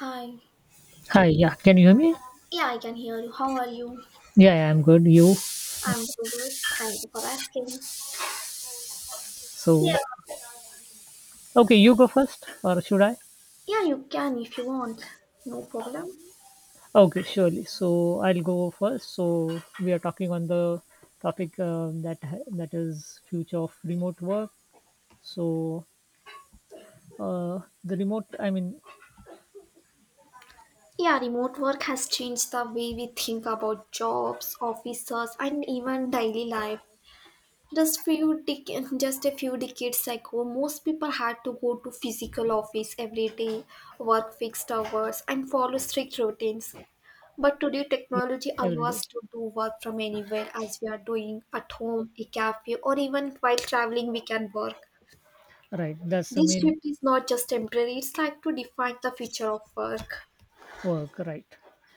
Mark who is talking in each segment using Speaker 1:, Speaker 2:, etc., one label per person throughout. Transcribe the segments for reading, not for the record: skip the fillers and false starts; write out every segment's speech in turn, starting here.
Speaker 1: Hi.
Speaker 2: Hi, yeah, can you hear me?
Speaker 1: Yeah, I can hear you. How are you?
Speaker 2: Yeah, yeah, I'm good. You?
Speaker 1: I'm too good. Thank you for asking.
Speaker 2: So,
Speaker 1: Yeah.
Speaker 2: okay, you go first, or should I?
Speaker 1: Yeah, you can if you want. No problem.
Speaker 2: Okay, surely. So, I'll go first. So, we are talking on the topic that is future of remote work. So, the remote, I mean,
Speaker 1: Yeah, remote work has changed the way we think about jobs, offices, and even daily life. Just a few decades ago, most people had to go to physical office every day, work fixed hours, and follow strict routines. But today,
Speaker 2: yeah,
Speaker 1: technology
Speaker 2: every
Speaker 1: allows
Speaker 2: day,
Speaker 1: us to do work from anywhere. As we are doing at home, a cafe, or even while traveling, we can work.
Speaker 2: right? That's the
Speaker 1: This
Speaker 2: main
Speaker 1: shift is not just temporary, it's like to define the future of work.
Speaker 2: work, right.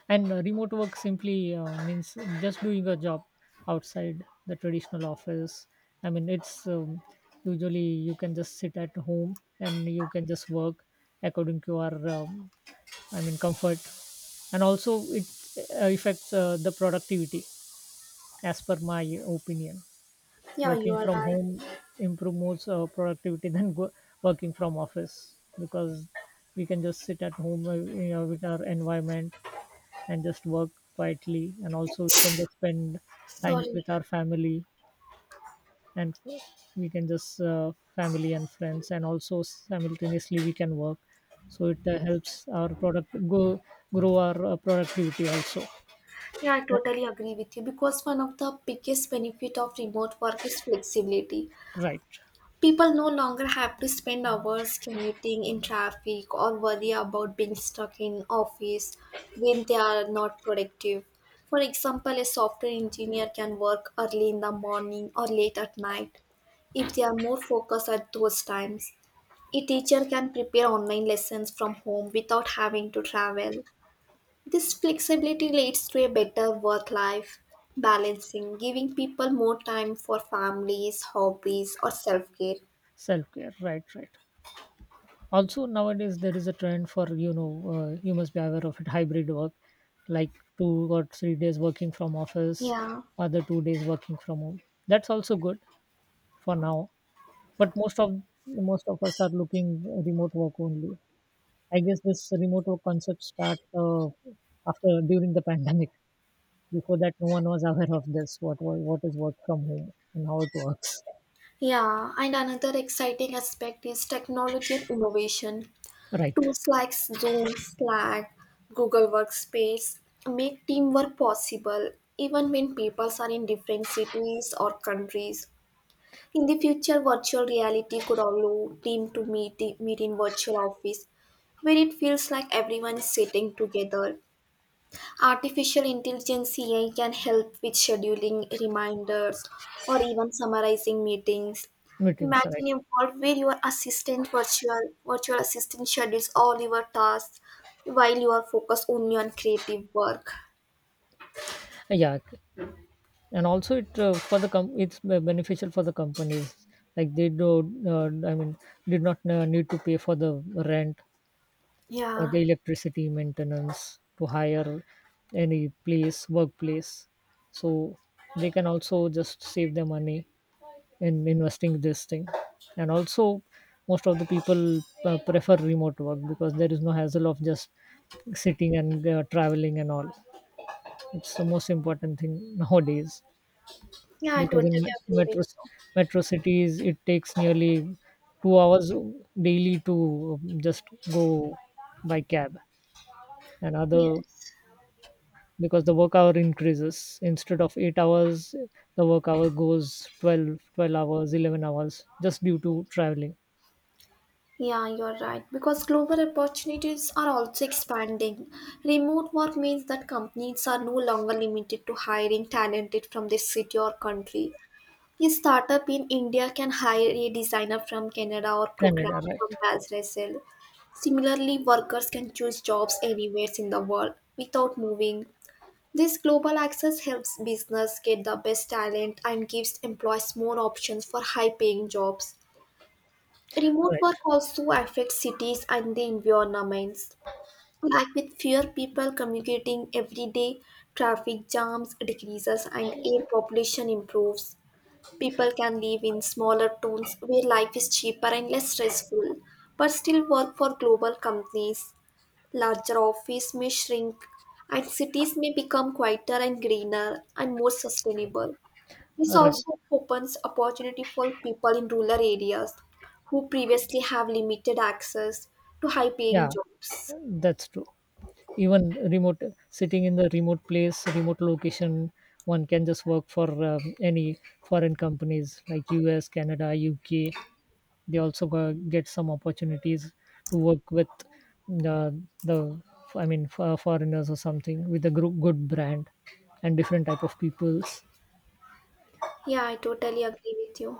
Speaker 2: And remote work simply means just doing a job outside the traditional office. I mean, it's usually you can just sit at home and you can just work according to our I mean, comfort. And also, it affects the productivity as per my opinion.
Speaker 1: Yeah,
Speaker 2: Working
Speaker 1: you are
Speaker 2: from
Speaker 1: right.
Speaker 2: home improves productivity working from office, because we can just sit at home, with our environment, and just work quietly. And also, we can just spend time
Speaker 1: Sorry.
Speaker 2: with our family and we can just family and friends, and also simultaneously we can work. So it helps our product go grow our productivity also.
Speaker 1: Yeah, I
Speaker 2: That-
Speaker 1: totally agree with you because one of the biggest benefit of remote work is flexibility.
Speaker 2: right,
Speaker 1: People no longer have to spend hours commuting in traffic or worry about being stuck in office when they are not productive. For example, a software engineer can work early in the morning or late at night if they are more focused at those times. A teacher can prepare online lessons from home without having to travel. This flexibility leads to a better work life balancing, giving people more time for families, hobbies, or self care.
Speaker 2: self-care, right, right. Also, nowadays there is a trend for you must be aware of it, hybrid work, like 2 or 3 days working from office,
Speaker 1: Yeah,
Speaker 2: other 2 days working from home. That's also good for now. But most of us are looking remote work only. I guess this remote work concept start after during the pandemic. Before that, no one was aware of this. What is work from home and how it works?
Speaker 1: yeah, and another exciting aspect is technology of innovation.
Speaker 2: Right,
Speaker 1: Tools like Zoom, Slack, Google Workspace make teamwork possible even when people are in different cities or countries. In the future, virtual reality could allow team to meet in virtual office where it feels like everyone is sitting together. Artificial intelligence AI can help with scheduling reminders or even summarizing meetings.
Speaker 2: meetings. Right.
Speaker 1: Imagine a world where your assistant virtual assistant schedules all your tasks while you are focused only on creative work.
Speaker 2: Yeah, and also it for the com- it's be- beneficial for the companies. Like, I mean, did not need to pay for the rent or
Speaker 1: Yeah.
Speaker 2: the electricity maintenance to hire any place workplace. So they can also just save their money in investing this thing. And also, most of the people prefer remote work because there is no hassle of just sitting and traveling and all. It's the most important thing nowadays,
Speaker 1: Yeah, I
Speaker 2: because
Speaker 1: totally
Speaker 2: in
Speaker 1: agree
Speaker 2: metro
Speaker 1: with you.
Speaker 2: metro cities it takes nearly 2 hours daily to just go by cab and other,
Speaker 1: Yes.
Speaker 2: because the work hour increases. Instead of 8 hours, the work hour goes twelve hours, 11 hours, just due to traveling.
Speaker 1: Yeah, you're right. Because global opportunities are also expanding. Remote work means that companies are no longer limited to hiring talented from their city or country. A startup in India can hire a designer from Canada or program
Speaker 2: Canada, right,
Speaker 1: from Brazil. Similarly, workers can choose jobs anywhere in the world without moving. This global access helps business get the best talent and gives employees more options for high paying jobs. Remote
Speaker 2: right,
Speaker 1: work also affects cities and the environments. Like with fewer people communicating every day, traffic jams decreases and air population improves. People can live in smaller towns where life is cheaper and less stressful, but still work for global companies. Larger offices may shrink, and cities may become quieter and greener and more sustainable. This
Speaker 2: right.
Speaker 1: also opens opportunity for people in rural areas who previously have limited access to high-paying
Speaker 2: Yeah,
Speaker 1: jobs.
Speaker 2: that's true. Even remote, sitting in the remote place, remote location, one can just work for any foreign companies like US, Canada, UK. They also get some opportunities to work with the the I mean, for foreigners or something, with a group, good brand, and different type of peoples.
Speaker 1: Yeah, I totally agree with you.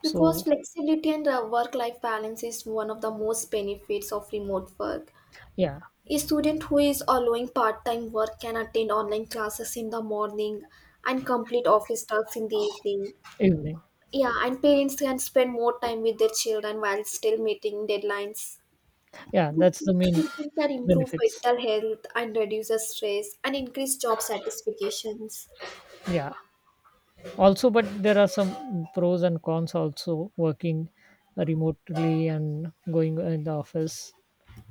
Speaker 1: Because
Speaker 2: So
Speaker 1: flexibility and work life balance is one of the most benefits of remote work.
Speaker 2: yeah,
Speaker 1: A student who is allowing part time work can attend online classes in the morning and complete office tasks in the evening.
Speaker 2: everything.
Speaker 1: Yeah, and parents can spend more time with their children while still meeting deadlines.
Speaker 2: Yeah,
Speaker 1: This
Speaker 2: that's the main
Speaker 1: flexibility can improve
Speaker 2: benefits.
Speaker 1: mental health and reduce the stress and increase job satisfactions.
Speaker 2: Yeah. Also, but there are some pros and cons, also working remotely and going in the office.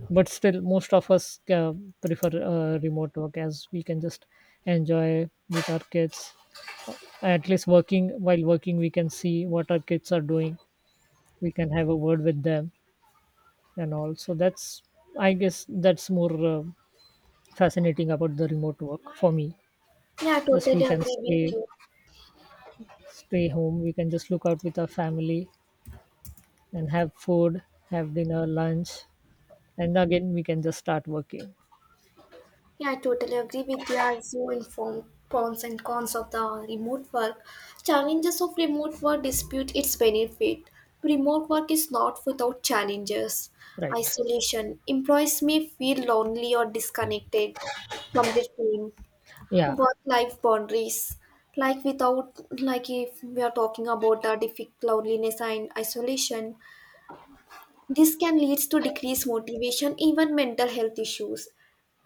Speaker 2: But still, most of us prefer remote work, as we can just enjoy with our kids. At least working while working we can see what our kids are doing. We can have a word with them and all. So that's I guess that's more fascinating about the remote work for me.
Speaker 1: Yeah, I
Speaker 2: Just we
Speaker 1: totally
Speaker 2: can
Speaker 1: agree with
Speaker 2: stay
Speaker 1: you.
Speaker 2: stay home. We can just look out with our family and have food, have dinner, lunch, and again we can just start working.
Speaker 1: Yeah, I totally agree with you as you inform pros and cons of the remote work. Challenges of remote work dispute its benefit. Remote work is not without challenges.
Speaker 2: Right,
Speaker 1: Isolation. Employees may feel lonely or disconnected from their team.
Speaker 2: yeah.
Speaker 1: Work life boundaries. Like if we are talking about the difficult loneliness and isolation, this can lead to decreased motivation, even mental health issues,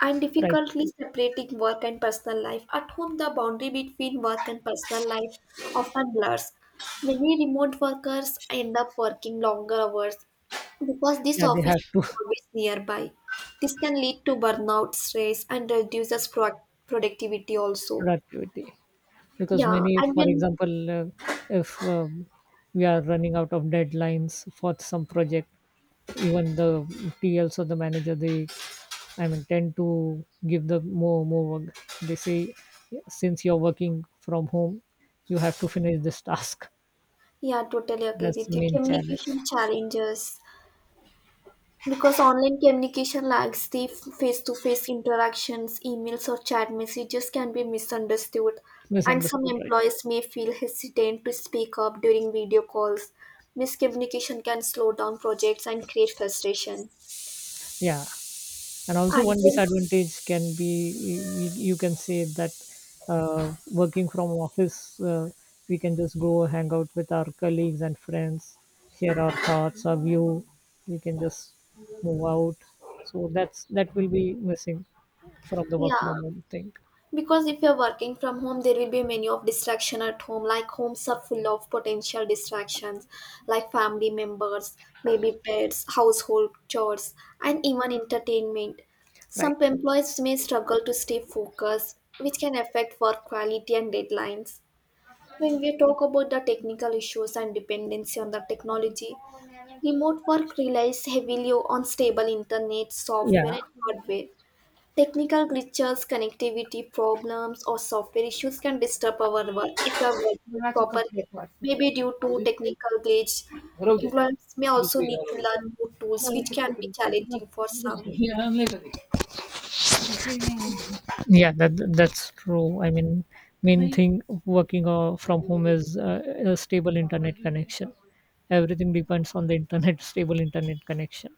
Speaker 1: and
Speaker 2: Right,
Speaker 1: difficultly separating work and personal life. At home, the boundary between work and personal life often blurs. Many remote workers end up working longer hours because this
Speaker 2: yeah, they
Speaker 1: office
Speaker 2: have to.
Speaker 1: is always nearby. This can lead to burnout, stress, and reduces productivity also.
Speaker 2: Productivity. Because
Speaker 1: Yeah,
Speaker 2: many,
Speaker 1: and
Speaker 2: for
Speaker 1: when
Speaker 2: example, if we are running out of deadlines for some project, even the tls or the manager, they, I mean, tend to give the more work. They say, since you're working from home, you have to finish this task.
Speaker 1: yeah, totally agree
Speaker 2: That's the
Speaker 1: with you.
Speaker 2: main challenge.
Speaker 1: Communication challenges. Because online communication lacks the face to face interactions, emails or chat messages can be misunderstood, and some
Speaker 2: Misunderstood, right.
Speaker 1: employees may feel hesitant to speak up during video calls. Miscommunication can slow down projects and create frustration.
Speaker 2: Yeah. And also,
Speaker 1: And
Speaker 2: one
Speaker 1: when,
Speaker 2: disadvantage can be, you can say that working from office, we can just go hang out with our colleagues and friends, share our thoughts, our view. We can just move out. So that will be missing from the work
Speaker 1: yeah,
Speaker 2: from home thing,
Speaker 1: because if you're working from home, there will be many of distraction at home. Like homes are full of potential distractions, like family members, maybe pets, household chores, and even entertainment. Some
Speaker 2: right?
Speaker 1: employees may struggle to stay focused, which can affect work quality and deadlines. When we talk about the technical issues and dependency on the technology, remote work relies heavily on stable internet, software,
Speaker 2: Yeah.
Speaker 1: and hardware. Technical glitches, connectivity problems, or software issues can disturb our work if we are working properly. Maybe due to technical glitch, employees may also need to learn new tools, which can be challenging for some.
Speaker 2: Yeah, that's true. I mean, main thing, working from home is a stable internet connection. Everything depends on the internet stable internet connection.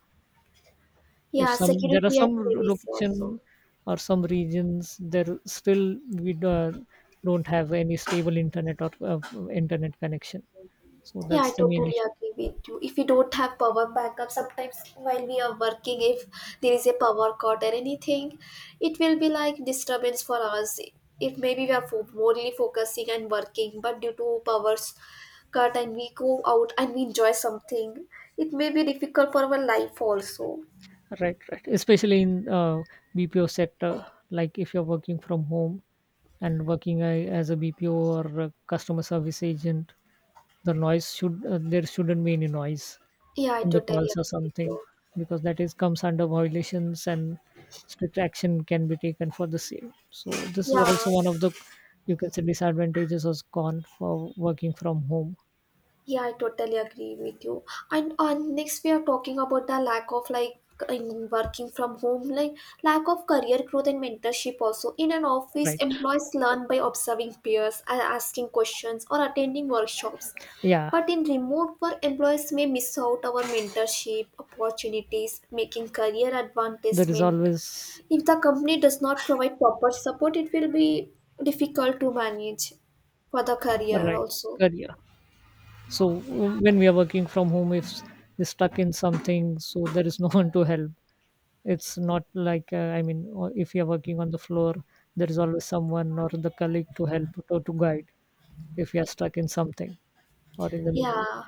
Speaker 2: If
Speaker 1: Yeah,
Speaker 2: some There are
Speaker 1: security and
Speaker 2: some
Speaker 1: privacy also.
Speaker 2: location or some regions there, still don't have any stable internet or internet connection. So
Speaker 1: Yeah, I
Speaker 2: that's the main
Speaker 1: totally
Speaker 2: issue.
Speaker 1: agree with you. If we don't have power backup, sometimes while we are working, if there is a power cut or anything, it will be like disturbance for us. If maybe we are only focusing and working, but due to powers cut and we go out and we enjoy something, it may be difficult for our life also.
Speaker 2: Right, right, especially in BPO sector. Like, if you're working from home and working as a BPO or a customer service agent, there shouldn't be any noise
Speaker 1: Yeah, I
Speaker 2: in the
Speaker 1: totally
Speaker 2: calls or
Speaker 1: agree with
Speaker 2: something,
Speaker 1: you.
Speaker 2: because that is comes under violations and strict action can be taken for the same. So this is
Speaker 1: Yeah,
Speaker 2: also one of the, you can say, disadvantages or con for working from home.
Speaker 1: yeah, I totally agree with you. And next, we are talking about the lack of like in working from home, like lack of career growth and mentorship. Also, in an office,
Speaker 2: Right,
Speaker 1: employees learn by observing peers, asking questions, or attending workshops.
Speaker 2: yeah,
Speaker 1: But in remote work, employees may miss out our mentorship opportunities, making career
Speaker 2: there is
Speaker 1: advancement.
Speaker 2: always.
Speaker 1: If the company does not provide proper support, it will be difficult to manage for the career
Speaker 2: Right,
Speaker 1: also.
Speaker 2: career. So when we are working from home, if we're stuck in something, so there is no one to help. It's not like I mean, or if you're working on the floor, there is always someone or the colleague to help or to guide if you are stuck in something or in the middle.
Speaker 1: Yeah.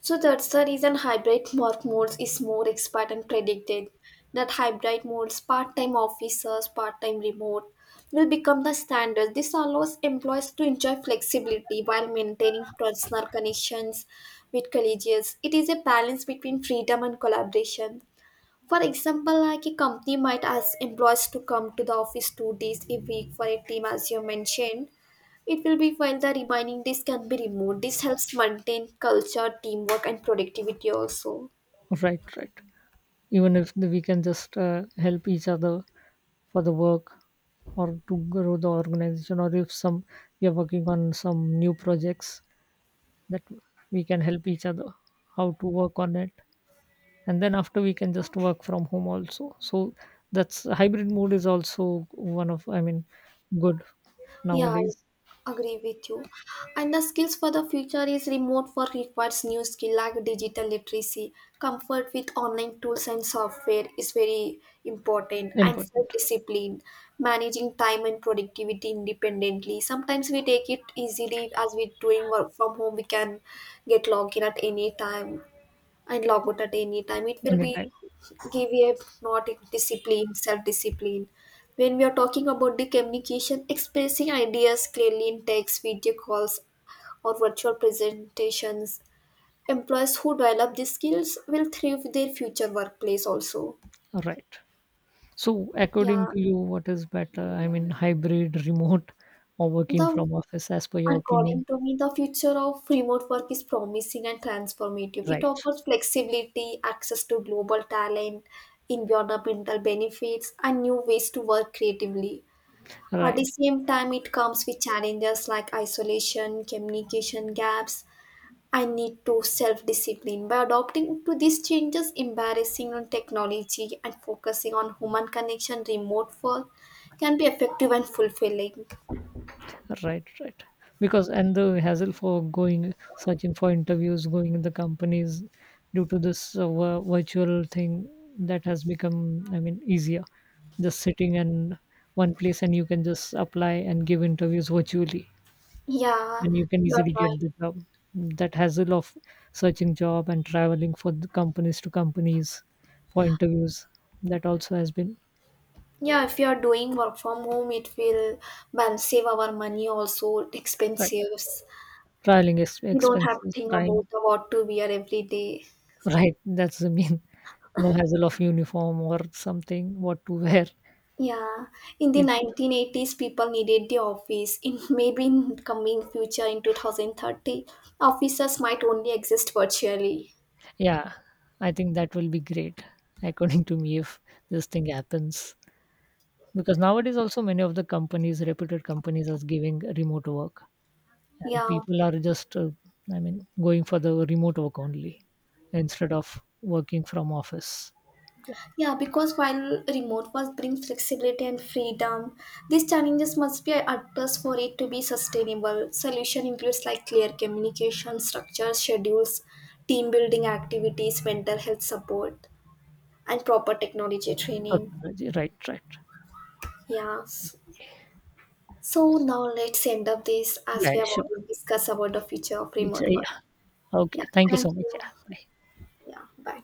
Speaker 1: So that's the reason hybrid work modes is more expert and predicted. That hybrid modes, part-time officers, part-time remote, will become the standard. This allows employees to enjoy flexibility while maintaining personal connections with colleagues. It is a balance between freedom and collaboration. For example, like a company might ask employees to come to the office two days a week for a team, as you mentioned. It will be while the remaining days can be remote. This helps maintain culture, teamwork, and productivity also.
Speaker 2: Right, right. Even if the- we can just help each other for the work or to grow the organization, or if some we are working on some new projects, that we can help each other how to work on it, and then after we can just work from home also. So that's hybrid mode is also one of, I mean, good
Speaker 1: Yeah,
Speaker 2: nowadays.
Speaker 1: I agree with you. And the skills for the future is remote work requires new skill like digital literacy. Comfort with online tools and software is very important and
Speaker 2: Important.
Speaker 1: self-discipline, managing time and productivity independently. Sometimes we take it easily as we doing work from home, we can get logged in at any time and log out at any time. It will
Speaker 2: Anytime.
Speaker 1: be give a not in discipline, self discipline. When we are talking about the communication, expressing ideas clearly in text, video calls, or virtual presentations, employees who develop these skills will thrive in their future workplace also.
Speaker 2: All right. So according
Speaker 1: Yeah,
Speaker 2: to you, what is better, I mean, hybrid, remote, or working
Speaker 1: the
Speaker 2: from office, as per your opinion?
Speaker 1: according to me, the future of remote work is promising and transformative. It
Speaker 2: Right,
Speaker 1: offers flexibility, access to global talent, environmental benefits, and new ways to work creatively. At the
Speaker 2: right.
Speaker 1: same time, it comes with challenges like isolation, communication gaps, and need to self discipline. By adopting to these changes, embarrassing on technology, and focusing on human connection, remote work can be effective and fulfilling.
Speaker 2: Right, right. Because, and the hassle for going searching for interviews, going in the companies due to this virtual thing that has become, I mean, easier. Just sitting in one place and you can just apply and give interviews virtually,
Speaker 1: Yeah,
Speaker 2: and you can
Speaker 1: you're
Speaker 2: easily
Speaker 1: right.
Speaker 2: get the job. That hassle of searching job and traveling for the companies to companies for interviews, that also has been.
Speaker 1: Yeah, if you are doing work from home, it will well, save our money also,
Speaker 2: Right.
Speaker 1: expenses.
Speaker 2: Traveling
Speaker 1: You don't have to
Speaker 2: expenses,
Speaker 1: think
Speaker 2: time.
Speaker 1: about the what to wear every day.
Speaker 2: Right, that's the mean. No hassle of uniform or something, what to wear.
Speaker 1: Yeah, in the
Speaker 2: You can
Speaker 1: 1980s, people needed the office. In maybe in coming future, in 2030, offices might only exist virtually.
Speaker 2: Yeah, I think that will be great, according to me, if this thing happens. Because nowadays, also, many of the companies, reputed companies, are giving remote work, and
Speaker 1: Yeah,
Speaker 2: people are just, I mean, going for the remote work only instead of working from office. Yeah,
Speaker 1: yeah, because while remote work brings flexibility and freedom, these challenges must be addressed for it to be sustainable. Solution includes like clear communication, structures, schedules, team building activities, mental health support, and proper technology training.
Speaker 2: technology, right, right.
Speaker 1: Yeah. So now let's end up this
Speaker 2: Yeah,
Speaker 1: as we
Speaker 2: yeah,
Speaker 1: have
Speaker 2: sure.
Speaker 1: already discussed about the future of
Speaker 2: It's,
Speaker 1: remote work.
Speaker 2: yeah.
Speaker 1: Yeah,
Speaker 2: Okay, thank you
Speaker 1: thank
Speaker 2: so much. Yeah,
Speaker 1: you.
Speaker 2: bye.
Speaker 1: Yeah, bye.